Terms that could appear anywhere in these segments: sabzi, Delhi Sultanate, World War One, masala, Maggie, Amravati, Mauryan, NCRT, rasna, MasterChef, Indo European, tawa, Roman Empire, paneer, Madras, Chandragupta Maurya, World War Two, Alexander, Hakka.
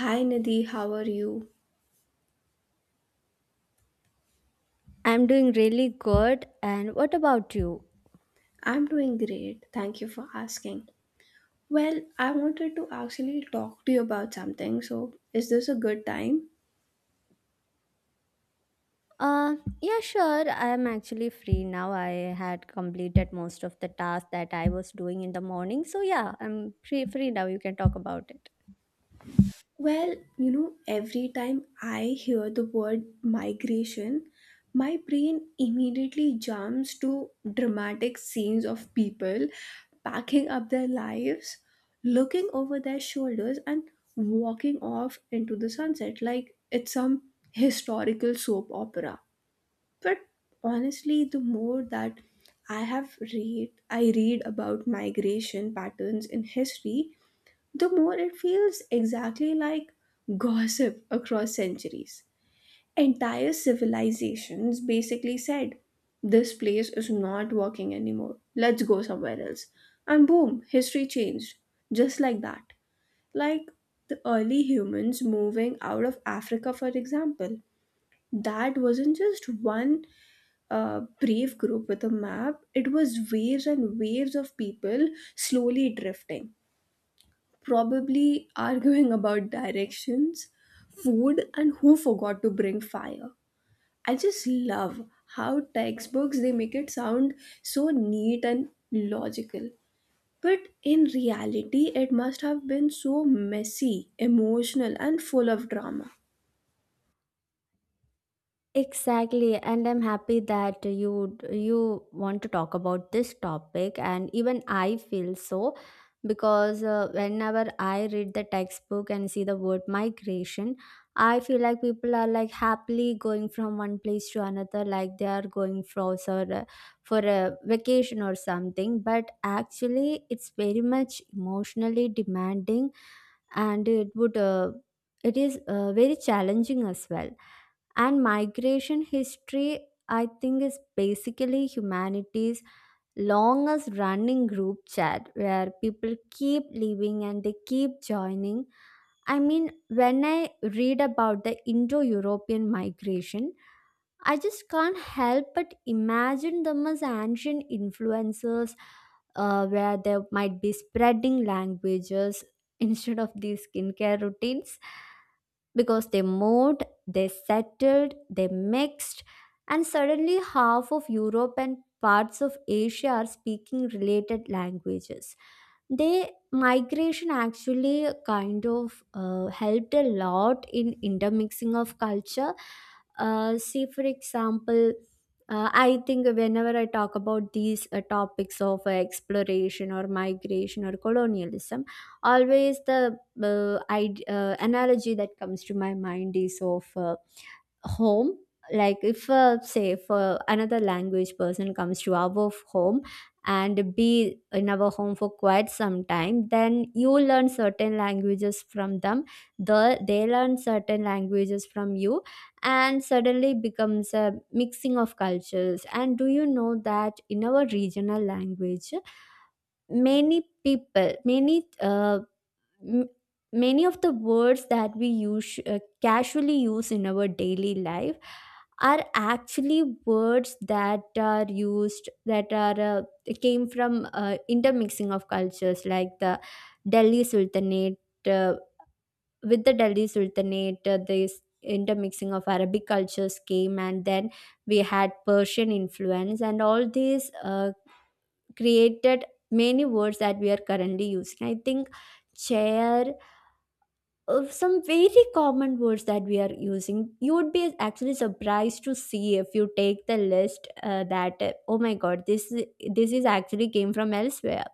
Hi Nidhi, how are you? I'm doing really good. And what about you? I'm doing great. Thank you for asking. Well, I wanted to actually talk to you about something. So, is this a good time? Yeah, sure. I'm actually free now. I had completed most of the tasks that I was doing in the morning. So, yeah, I'm free now. You can talk about it. Well, you know, every time I hear the word migration, my brain immediately jumps to dramatic scenes of people packing up their lives, looking over their shoulders, and walking off into the sunset like it's some historical soap opera. But honestly, the more that I read about migration patterns in history, the more it feels exactly like gossip across centuries. Entire civilizations basically said, "This place is not working anymore. Let's go somewhere else." And boom, history changed. Just like that. Like the early humans moving out of Africa, for example. That wasn't just one brave group with a map, it was waves and waves of people slowly drifting, probably arguing about directions, food, and who forgot to bring fire. I just love how textbooks they make it sound so neat and logical. But in reality, it must have been so messy, emotional, and full of drama. Exactly, and I'm happy that you want to talk about this topic, and even I feel so because whenever I read the textbook and see the word migration, I feel like people are like happily going from one place to another, like they are going for a vacation or something. But actually, it's very much emotionally demanding, and it is very challenging as well, and migration history, I think, is basically humanity's longest running group chat where people keep leaving and they keep joining. I mean, when I read about the Indo European migration, I just can't help but imagine them as ancient influencers, where they might be spreading languages instead of these skincare routines, because they moved, they settled, they mixed, and suddenly half of Europe and parts of Asia are speaking related languages. They migration actually kind of helped a lot in intermixing of culture. See, for example, I think whenever I talk about these topics of exploration or migration or colonialism, always the id analogy that comes to my mind is of home. Like if say if another language person comes to our home and be in our home for quite some time, then you learn certain languages from them, they learn certain languages from you, and suddenly becomes a mixing of cultures. And do you know that in our regional language, many people many m- many of the words that we use casually use in our daily life are actually words that are used, that are came from intermixing of cultures, like the delhi sultanate. uh, with the delhi sultanate, this intermixing of arabic cultures came, and then we had persian influence, and all these created many words that we are currently using. I think chair of some very common words that we are using, you would be actually surprised to see if you take the list, that oh my god, this is actually came from elsewhere.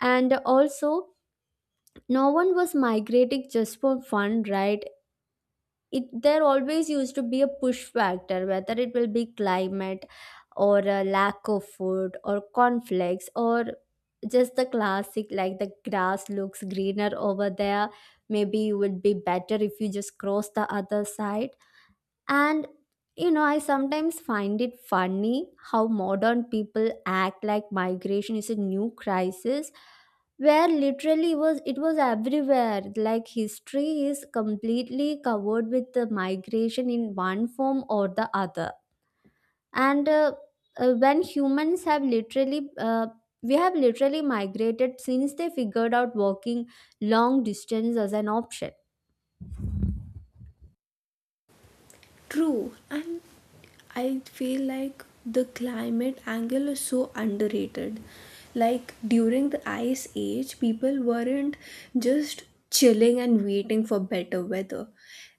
And also, no one was migrating just for fun, right? It there always used to be a push factor, whether it will be climate, or a lack of food, or conflicts, or just the classic, like the grass looks greener over there. Maybe it would be better if you just cross the other side. And you know, I sometimes find it funny how modern people act like migration is a new crisis, where literally was it was everywhere. Like history is completely covered with the migration in one form or the other. And when humans have literally we have literally migrated since they figured out walking long distance as an option. True, and I feel like the climate angle is so underrated. Like during the ice age, people weren't just chilling and waiting for better weather.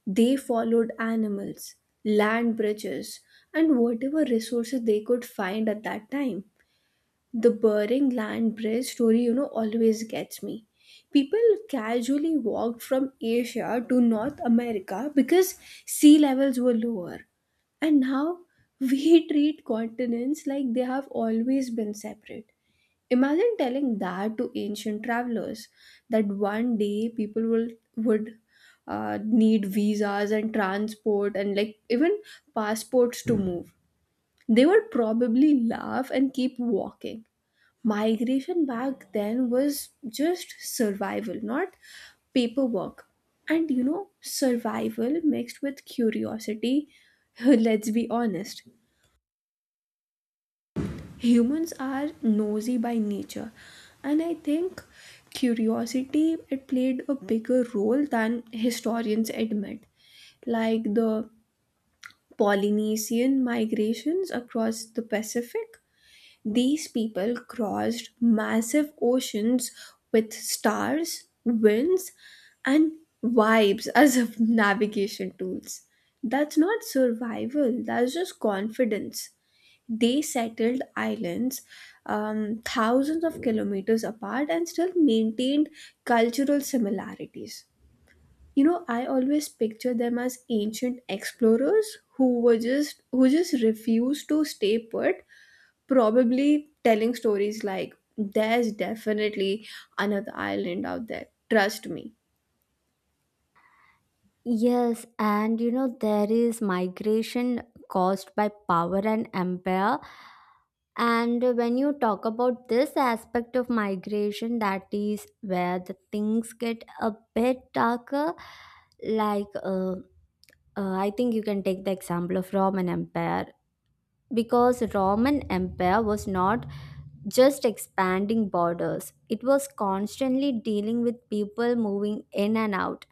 They followed animals, land bridges, and whatever resources they could find at that time. The Bering land bridge story, you know, always gets me. People casually walked from Asia to North America because sea levels were lower, and now we treat continents like they have always been separate. Imagine telling that to ancient travelers that one day people will would need visas and transport and like even passports to move. They would probably laugh and keep walking. Migration back then was just survival, not paperwork. And you know, survival mixed with curiosity, let's be honest. Humans are nosy by nature, and I think curiosity it played a bigger role than historians admit. Like the Polynesian migrations across the Pacific, these people crossed massive oceans with stars, winds, and vibes as of navigation tools. That's not survival, that's just confidence. They settled islands thousands of kilometers apart and still maintained cultural similarities. You know, I always picture them as ancient explorers who just refused to stay put, probably telling stories like, "There's definitely another island out there. Trust me." Yes, and you know, there is migration caused by power and empire. And when you talk about this aspect of migration, that is where the things get a bit darker. Like, I think you can take the example of Roman Empire, because Roman Empire was not just expanding borders; it was constantly dealing with people moving in and out.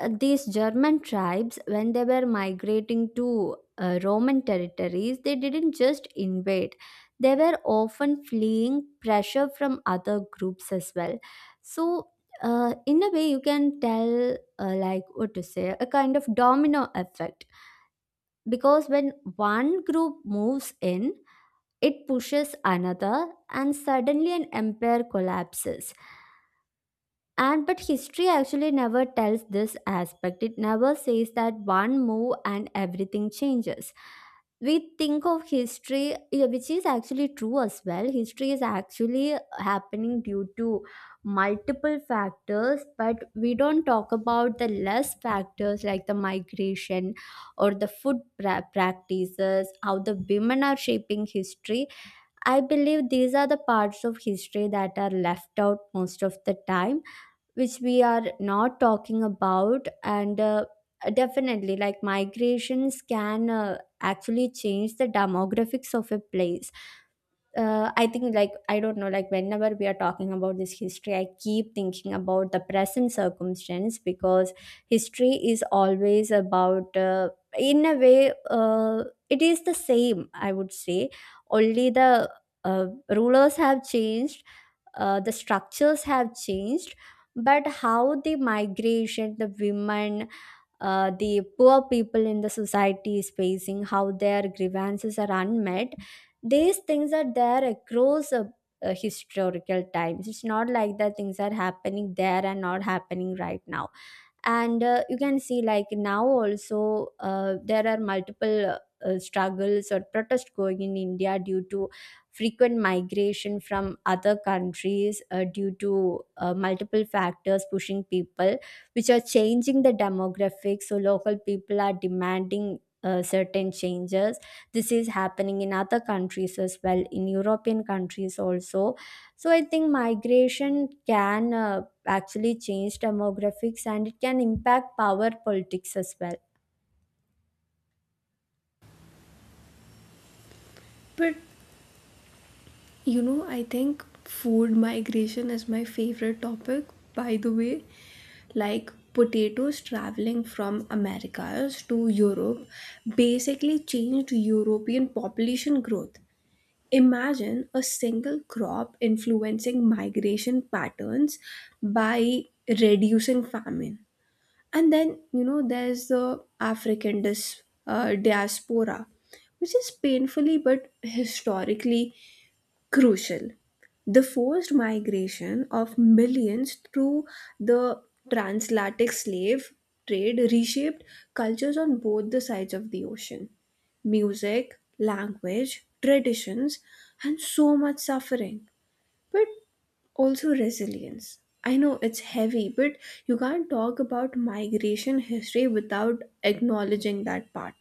These German tribes, when they were migrating to Roman territories, they didn't just invade. They were often fleeing pressure from other groups as well. So, in a way, you can tell, like, what to say, a kind of domino effect. Because when one group moves in, it pushes another, and suddenly an empire collapses. And but history actually never tells this aspect. It never says that one move and everything changes. We think of history, yeah, which is actually true as well. History is actually happening due to multiple factors, but we don't talk about the less factors like the migration, or practices, how the women are shaping history. I believe these are the parts of history that are left out most of the time, which we are not talking about. And definitely like migrations can actually change the demographics of a place. I think, like, I don't know, like whenever we are talking about this history, I keep thinking about the present circumstance, because history is always about in a way it is the same. I would say only the rulers have changed, the structures have changed, but how the migration, the women, the poor people in the society is facing, how their grievances are unmet. These things are there across historical times. It's not like that things are happening there and not happening right now. And you can see like now also there are multiple struggles or protest going in india due to frequent migration from other countries, due to multiple factors pushing people, which are changing the demographics, so local people are demanding certain changes. This is happening in other countries as well, in european countries also. So I think migration can actually change demographics, and it can impact power politics as well. But you know, I think food migration is my favorite topic, by the way. Like potatoes traveling from Americas to Europe basically changed European population growth. Imagine a single crop influencing migration patterns by reducing famine. And then, you know, there's the African diaspora, which is painfully but historically crucial. The forced migration of millions through the transatlantic slave trade reshaped cultures on both the sides of the ocean. Music, language, traditions, and so much suffering, but also resilience. I know it's heavy, but you can't talk about migration history without acknowledging that part.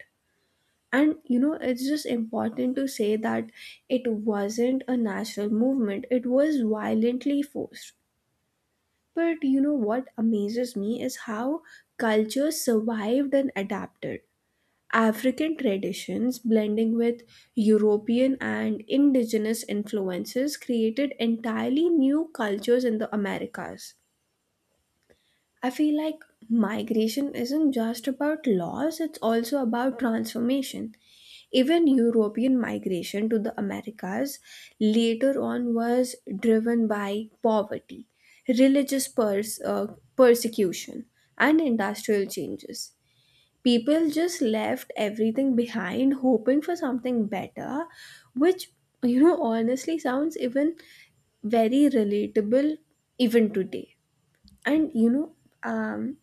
And you know, it's just important to say that it wasn't a natural movement, it was violently forced. But you know what amazes me is how cultures survived and adapted. African traditions blending with European and indigenous influences created entirely new cultures in the Americas. I feel like migration isn't just about loss, it's also about transformation. Even European migration to the Americas later on was driven by poverty, religious persecution, and industrial changes. People just left everything behind, hoping for something better, which, you know, honestly sounds even very relatable even today. And you know, um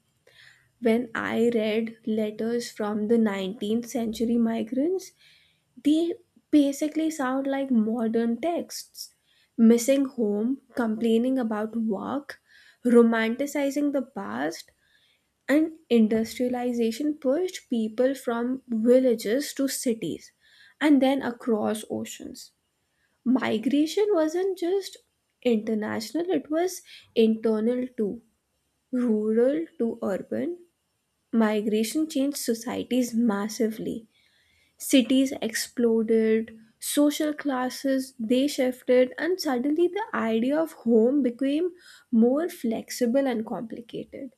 when I read letters from the 19th century migrants, they basically sound like modern texts, missing home, complaining about work, romanticizing the past, and industrialization pushed people from villages to cities and then across oceans. Migration wasn't just international, it was internal too, rural to urban. Migration changed societies massively. Cities exploded, social classes they shifted, and suddenly the idea of home became more flexible and complicated.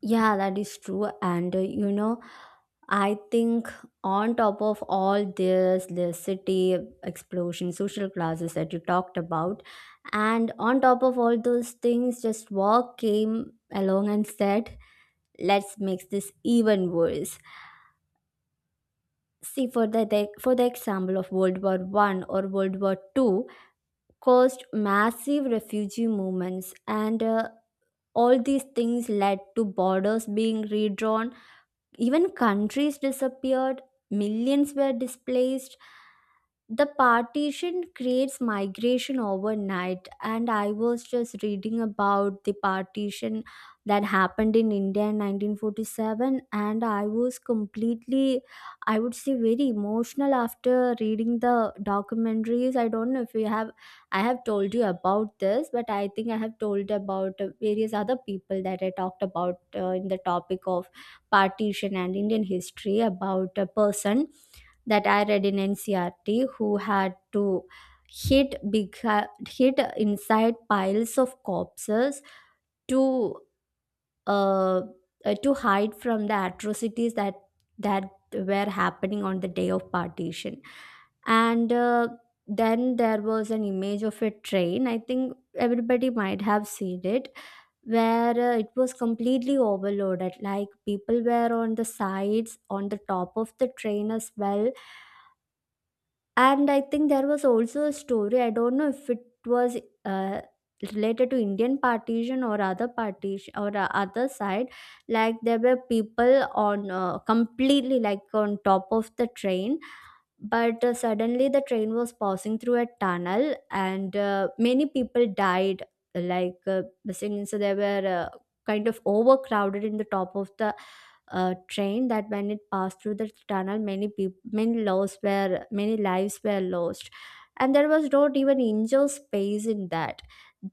Yeah, that is true. And you know, I think on top of all this, the city explosion, social classes that you talked about, and on top of all those things, just war came along and said, let's make this even worse. See, for the example of World War One or World War Two, caused massive refugee movements, and all these things led to borders being redrawn, even countries disappeared, millions were displaced, the partition creates migration overnight. And I was just reading about the partition that happened in india in 1947, and I was completely, I would say, very emotional after reading the documentaries. I don't know if you have, I have told you about this, but I think I have told about various other people that I talked about in the topic of partition and indian history, about a person that I read in NCRT, who had to hit big, hit inside piles of corpses to uh, to hide from the atrocities that that were happening on the day of partition. And then there was an image of a train, I think everybody might have seen it, where it was completely overloaded, like people were on the sides, on the top of the train as well. And I think there was also a story, I don't know if it was uh, related to Indian partition or other side, like there were people on completely like on top of the train, but suddenly the train was passing through a tunnel and many people died. Like, since they were kind of overcrowded in the top of the train, that when it passed through the tunnel, many people, many lives were lost, and there was not even indoor space in that.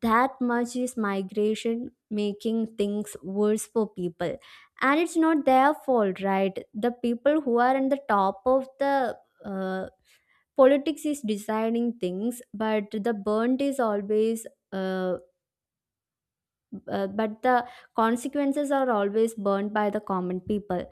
That much is migration making things worse for people. And it's not their fault, right? The people who are in the top of the uh, politics is deciding things, but the burnt is always uh, but the consequences are always burnt by the common people.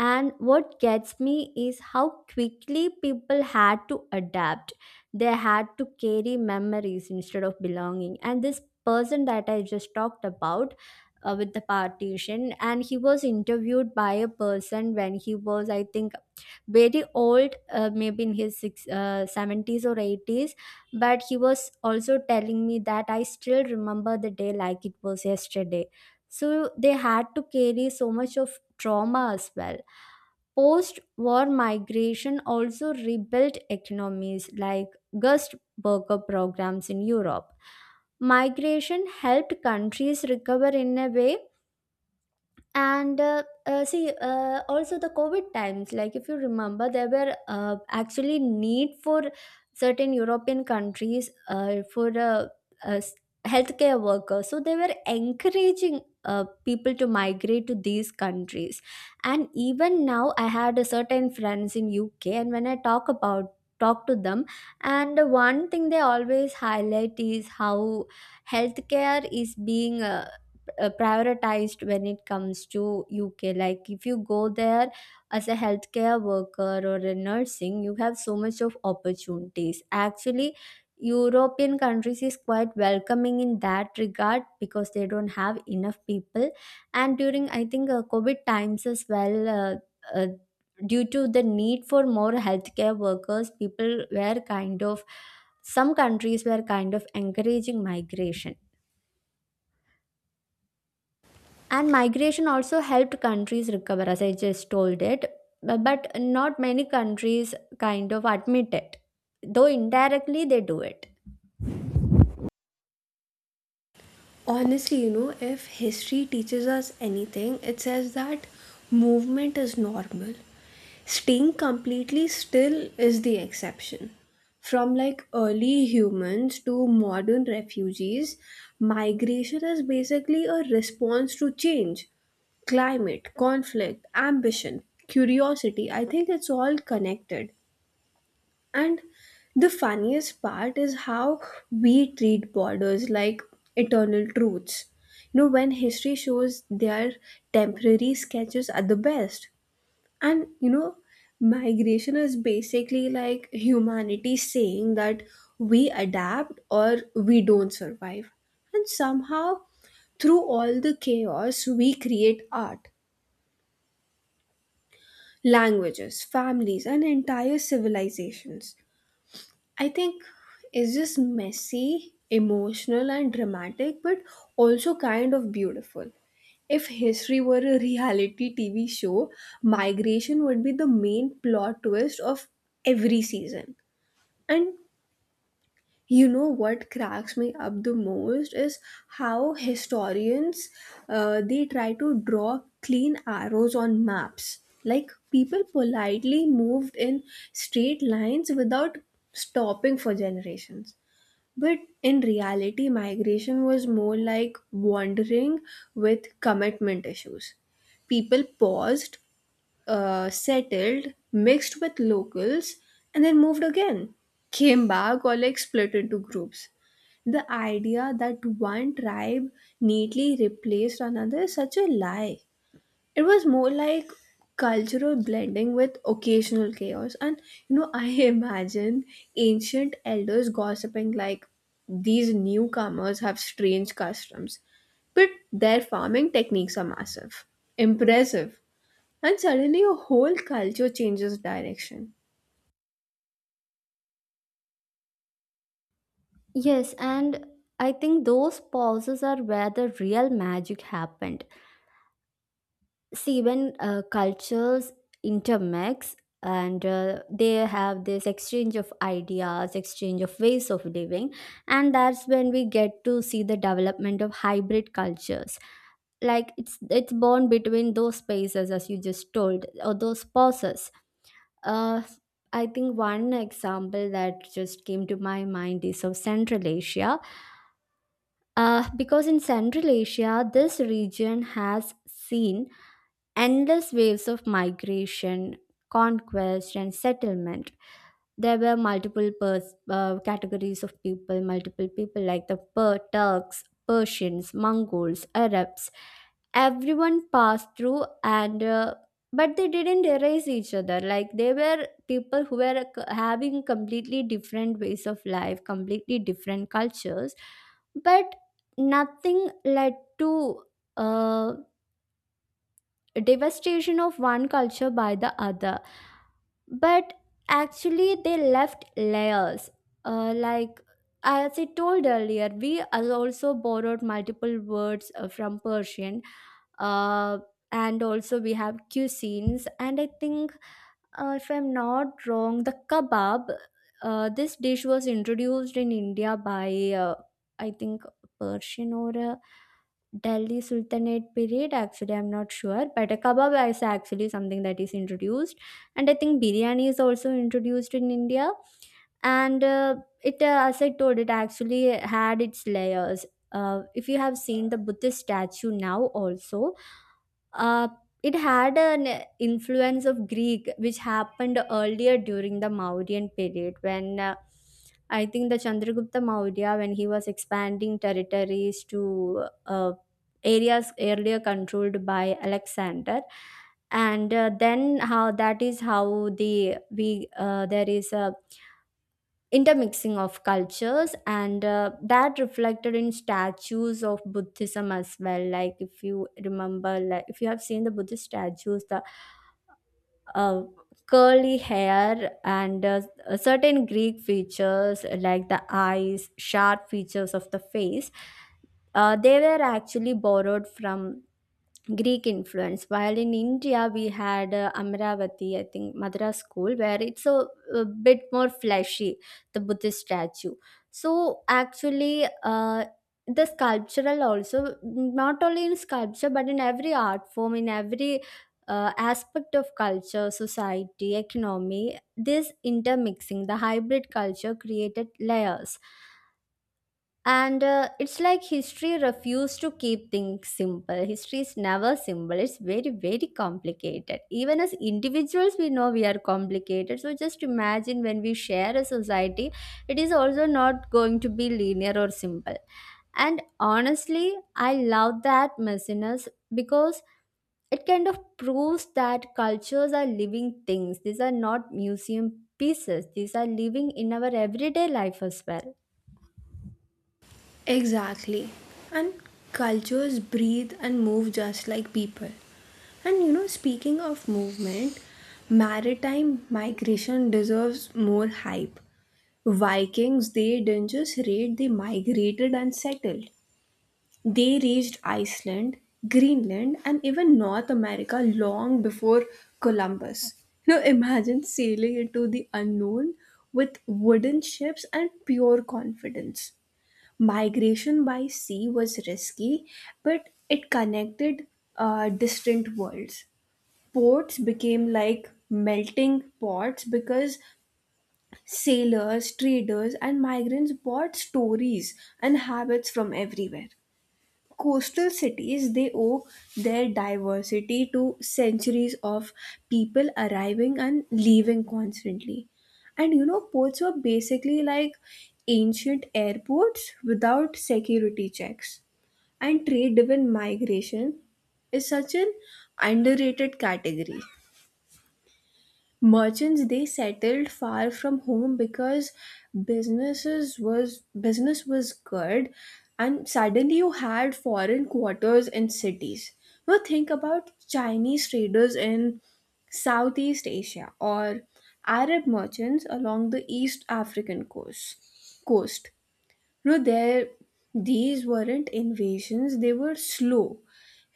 And what gets me is how quickly people had to adapt. They had to carry memories instead of belonging. And this person that I just talked about, with the partition, and he was interviewed by a person when he was, I think, very old, maybe in his 70s or 80s, but he was also telling me that I still remember the day like it was yesterday. So they had to carry so much of trauma as well. Post war migration also rebuilt economies, like guest worker programs in europe, migration helped countries recover in a way. And uh, uh, see uh, also the covid times, like if you remember, there were actually need for certain european countries for uh, s- healthcare workers, so they were encouraging people to migrate to these countries. And even now I had a certain friends in uk, and when I talk to them, and one thing they always highlight is how healthcare is being prioritized when it comes to UK. Like if you go there as a healthcare worker or a nursing, you have so much of opportunities. Actually, European countries is quite welcoming in that regard because they don't have enough people. And during, I think, COVID times as well, uh, due to the need for more healthcare workers, people were kind of— some countries were kind of encouraging migration, and migration also helped countries recover, as I just told it. But not many countries kind of admit it, though indirectly they do it. Honestly, you know, if history teaches us anything, it says that movement is normal. Staying completely still is the exception. From like early humans to modern refugees, migration is basically a response to change. Climate, conflict, ambition, curiosity, I think it's all connected. And the funniest part is how we treat borders like eternal truths. You know, when history shows they are temporary sketches at the best. And you know, migration is basically like humanity saying that we adapt or we don't survive. And somehow, through all the chaos, we create art, languages, families, and entire civilizations. I think it's just messy, emotional, and dramatic, but also kind of beautiful. If history were a reality TV show, migration would be the main plot twist of every season. And you know what cracks me up the most is how historians they try to draw clean arrows on maps. Like people politely moved in straight lines without stopping for generations. But in reality, migration was more like wandering with commitment issues. People paused, settled, mixed with locals, and then moved again, came back, or like split into groups. The idea that one tribe neatly replaced another is such a lie. It was more like cultural blending with occasional chaos. And you know, I imagine ancient elders gossiping like, "These newcomers have strange customs, but their farming techniques are massive impressive," and suddenly a whole culture changes direction. Yes, and I think those pauses are where the real magic happened. See, when cultures intermix and they have this exchange of ideas, exchange of ways of living, and that's when we get to see the development of hybrid cultures. Like, it's born between those spaces, as you just told, or those pauses. uh I think one example that just came to my mind is of Central Asia. Uh, because in Central Asia, this region has seen endless waves of migration, conquest, and settlement. There were multiple categories of people, multiple people like the Turks, Persians, Mongols, Arabs. Everyone passed through, and but they didn't erase each other. Like, they were people who were having completely different ways of life, completely different cultures, but nothing led to. Uh, devastation of one culture by the other, but actually they left layers. Like, as I told earlier, we also borrowed multiple words from Persian. uh, and also we have cuisines, and I think, if I'm not wrong, the kebab, this dish was introduced in India by, I think, Persian or Delhi Sultanate period. Actually, I'm not sure, but a kebab is actually something that is introduced, and I think biryani is also introduced in India. And it as I told, it actually had its layers. If you have seen the Buddhist statue now also, uh, it had an influence of Greek, which happened earlier during the Mauryan period, when I think the Chandragupta Maurya, when he was expanding territories to areas earlier controlled by Alexander, and then how that is how the we there is a intermixing of cultures, and that reflected in statues of Buddhism as well. Like if you remember, like if you have seen the Buddhist statues, the uh, curly hair and certain Greek features like the eyes, sharp features of the face, they were actually borrowed from Greek influence. While in India, we had, Amravati, I think, Madras school, where it's a— a bit more fleshy, the Buddhist statue. So actually, the sculptural also, not only in sculpture, but in every art form, in every aspect of culture, society, economy, this intermixing, the hybrid culture created layers. And it's like history refused to keep things simple. History is never simple. It's very, very complicated. Even as individuals, we know we are complicated, so just imagine when we share a society, it is also not going to be linear or simple. And honestly, I love that mess in us, because it kind of proves that cultures are living things. These are not museum pieces. These are living in our everyday life as well. Exactly. And cultures breathe and move just like people. And you know, speaking of movement, maritime migration deserves more hype. Vikings, they didn't just raid, they migrated and settled. They reached Iceland, Greenland, and even North America long before Columbus. You know, imagine sailing into the unknown with wooden ships and pure confidence. Migration by sea was risky, but it connected distant worlds. Ports became like melting pots because sailors, traders, and migrants brought stories and habits from everywhere. Coastal cities, they owe their diversity to centuries of people arriving and leaving constantly. And you know, ports were basically like ancient airports without security checks. And trade driven migration is such an underrated category. Merchants they settled far from home because business was good, and suddenly you had foreign quarters in cities. Now think about Chinese traders in Southeast Asia or Arab merchants along the East African coast. No, there these weren't invasions, they were slow,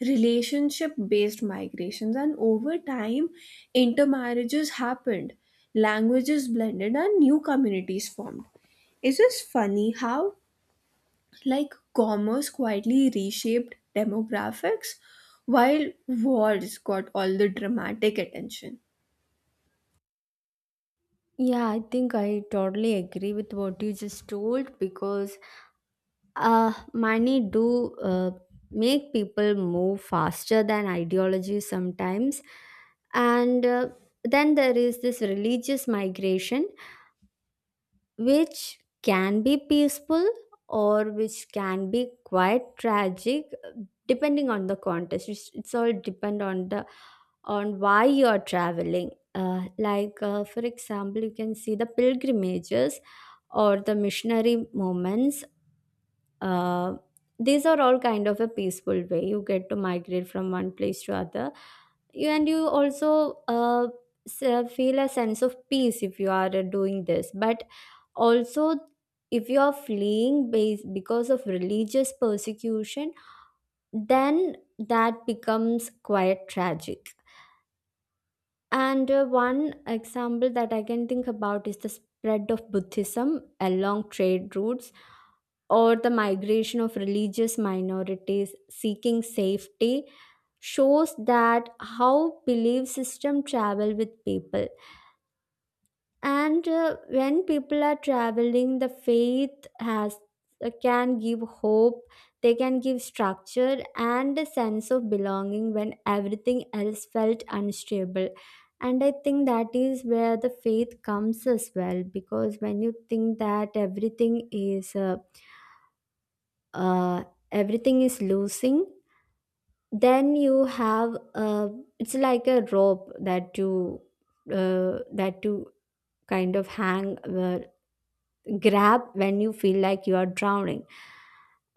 relationship based migrations, and over time, intermarriages happened, languages blended, and new communities formed. It's just funny how, like, commerce quietly reshaped demographics while wars got all the dramatic attention. Yeah, I think I totally agree with what you just told, because money do make people move faster than ideology sometimes, and then there is this religious migration, which can be peaceful or which can be quite tragic depending on the context. It's all depend on the— on why you are traveling. Like, for example, you can see the pilgrimages or the missionary movements. uh, these are all kind of a peaceful way you get to migrate from one place to other. You, and you also feel a sense of peace if you are doing this. But also, if you are fleeing based because of religious persecution, then that becomes quite tragic. And one example that I can think about is the spread of Buddhism along trade routes, or the migration of religious minorities seeking safety, shows that how belief system travel with people. And when people are traveling, the faith has— can give hope, they can give structure and a sense of belonging when everything else felt unstable. And I think that is where the faith comes as well, because when you think that uh, everything is losing, then you have it's like a rope that you kind of hang— grab when you feel like you are drowning.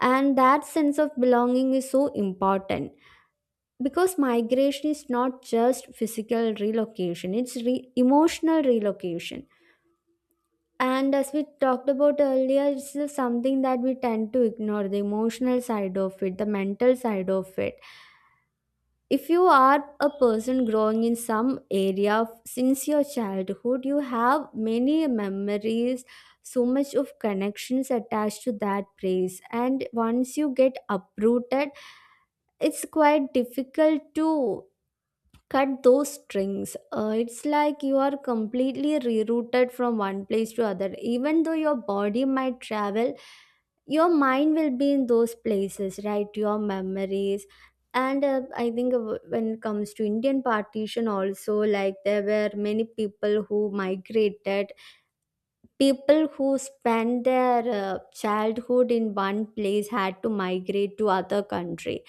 And that sense of belonging is so important, because migration is not just physical relocation, it's emotional relocation. And as we talked about earlier, it's just something that we tend to ignore, the emotional side of it, the mental side of it. If you are a person growing in some area since your childhood, you have many memories, so much of connections attached to that place, and once you get uprooted, it's quite difficult to cut those strings. It's like you are completely rerouted from one place to other. Even though your body might travel, your mind will be in those places, right? Your memories. And I think when it comes to Indian partition, also, like there were many people who migrated. People who spent their childhood in one place had to migrate to other country.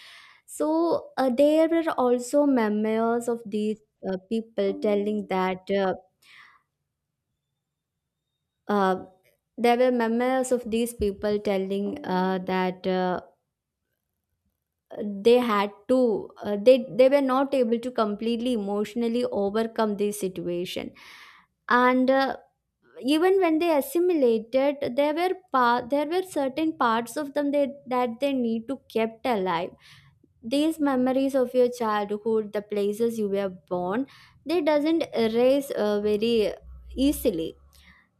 So there were also memoirs of these people telling that uh, there were memoirs of these people telling that they had to they were not able to completely emotionally overcome this situation. And even when they assimilated, there were there were certain parts of them they, that they need to kept alive. These memories of your childhood, the places you were born, they doesn't erase very easily.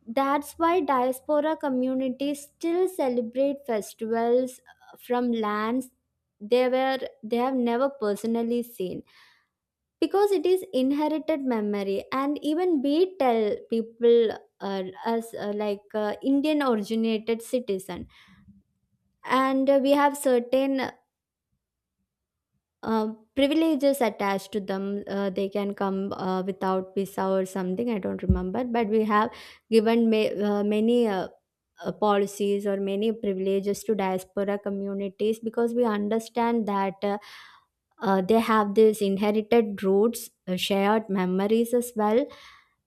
That's why diaspora communities still celebrate festivals from lands they have never personally seen, because it is inherited memory. And even we tell people, as like Indian originated citizen, and we have certain uh, privileges attached to them. They can come without visa or something. I don't remember, but we have given many policies or many privileges to diaspora communities, because we understand that they have these inherited roots, shared memories as well.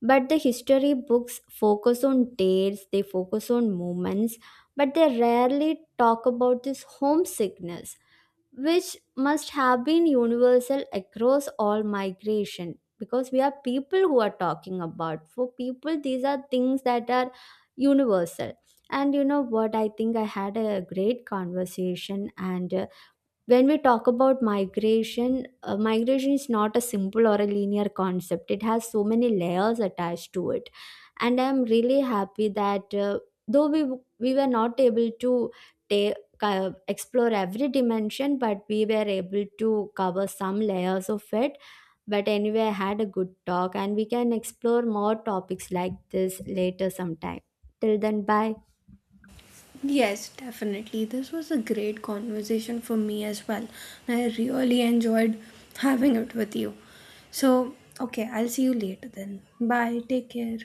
But the history books focus on dates. They focus on moments, but they rarely talk about this homesickness, which must have been universal across all migration, because we are people who are talking about for people, these are things that are universal. And you know what, I think I had a great conversation. And when we talk about migration, migration is not a simple or a linear concept. It has so many layers attached to it, and I'm really happy that though we were not able to take— explore every dimension, but we were able to cover some layers of it. But anyway, I had a good talk, and we can explore more topics like this later sometime. Till then, bye. Yes, definitely. This was a great conversation for me as well. I really enjoyed having it with you. So, okay, I'll see you later then. Bye. Take care.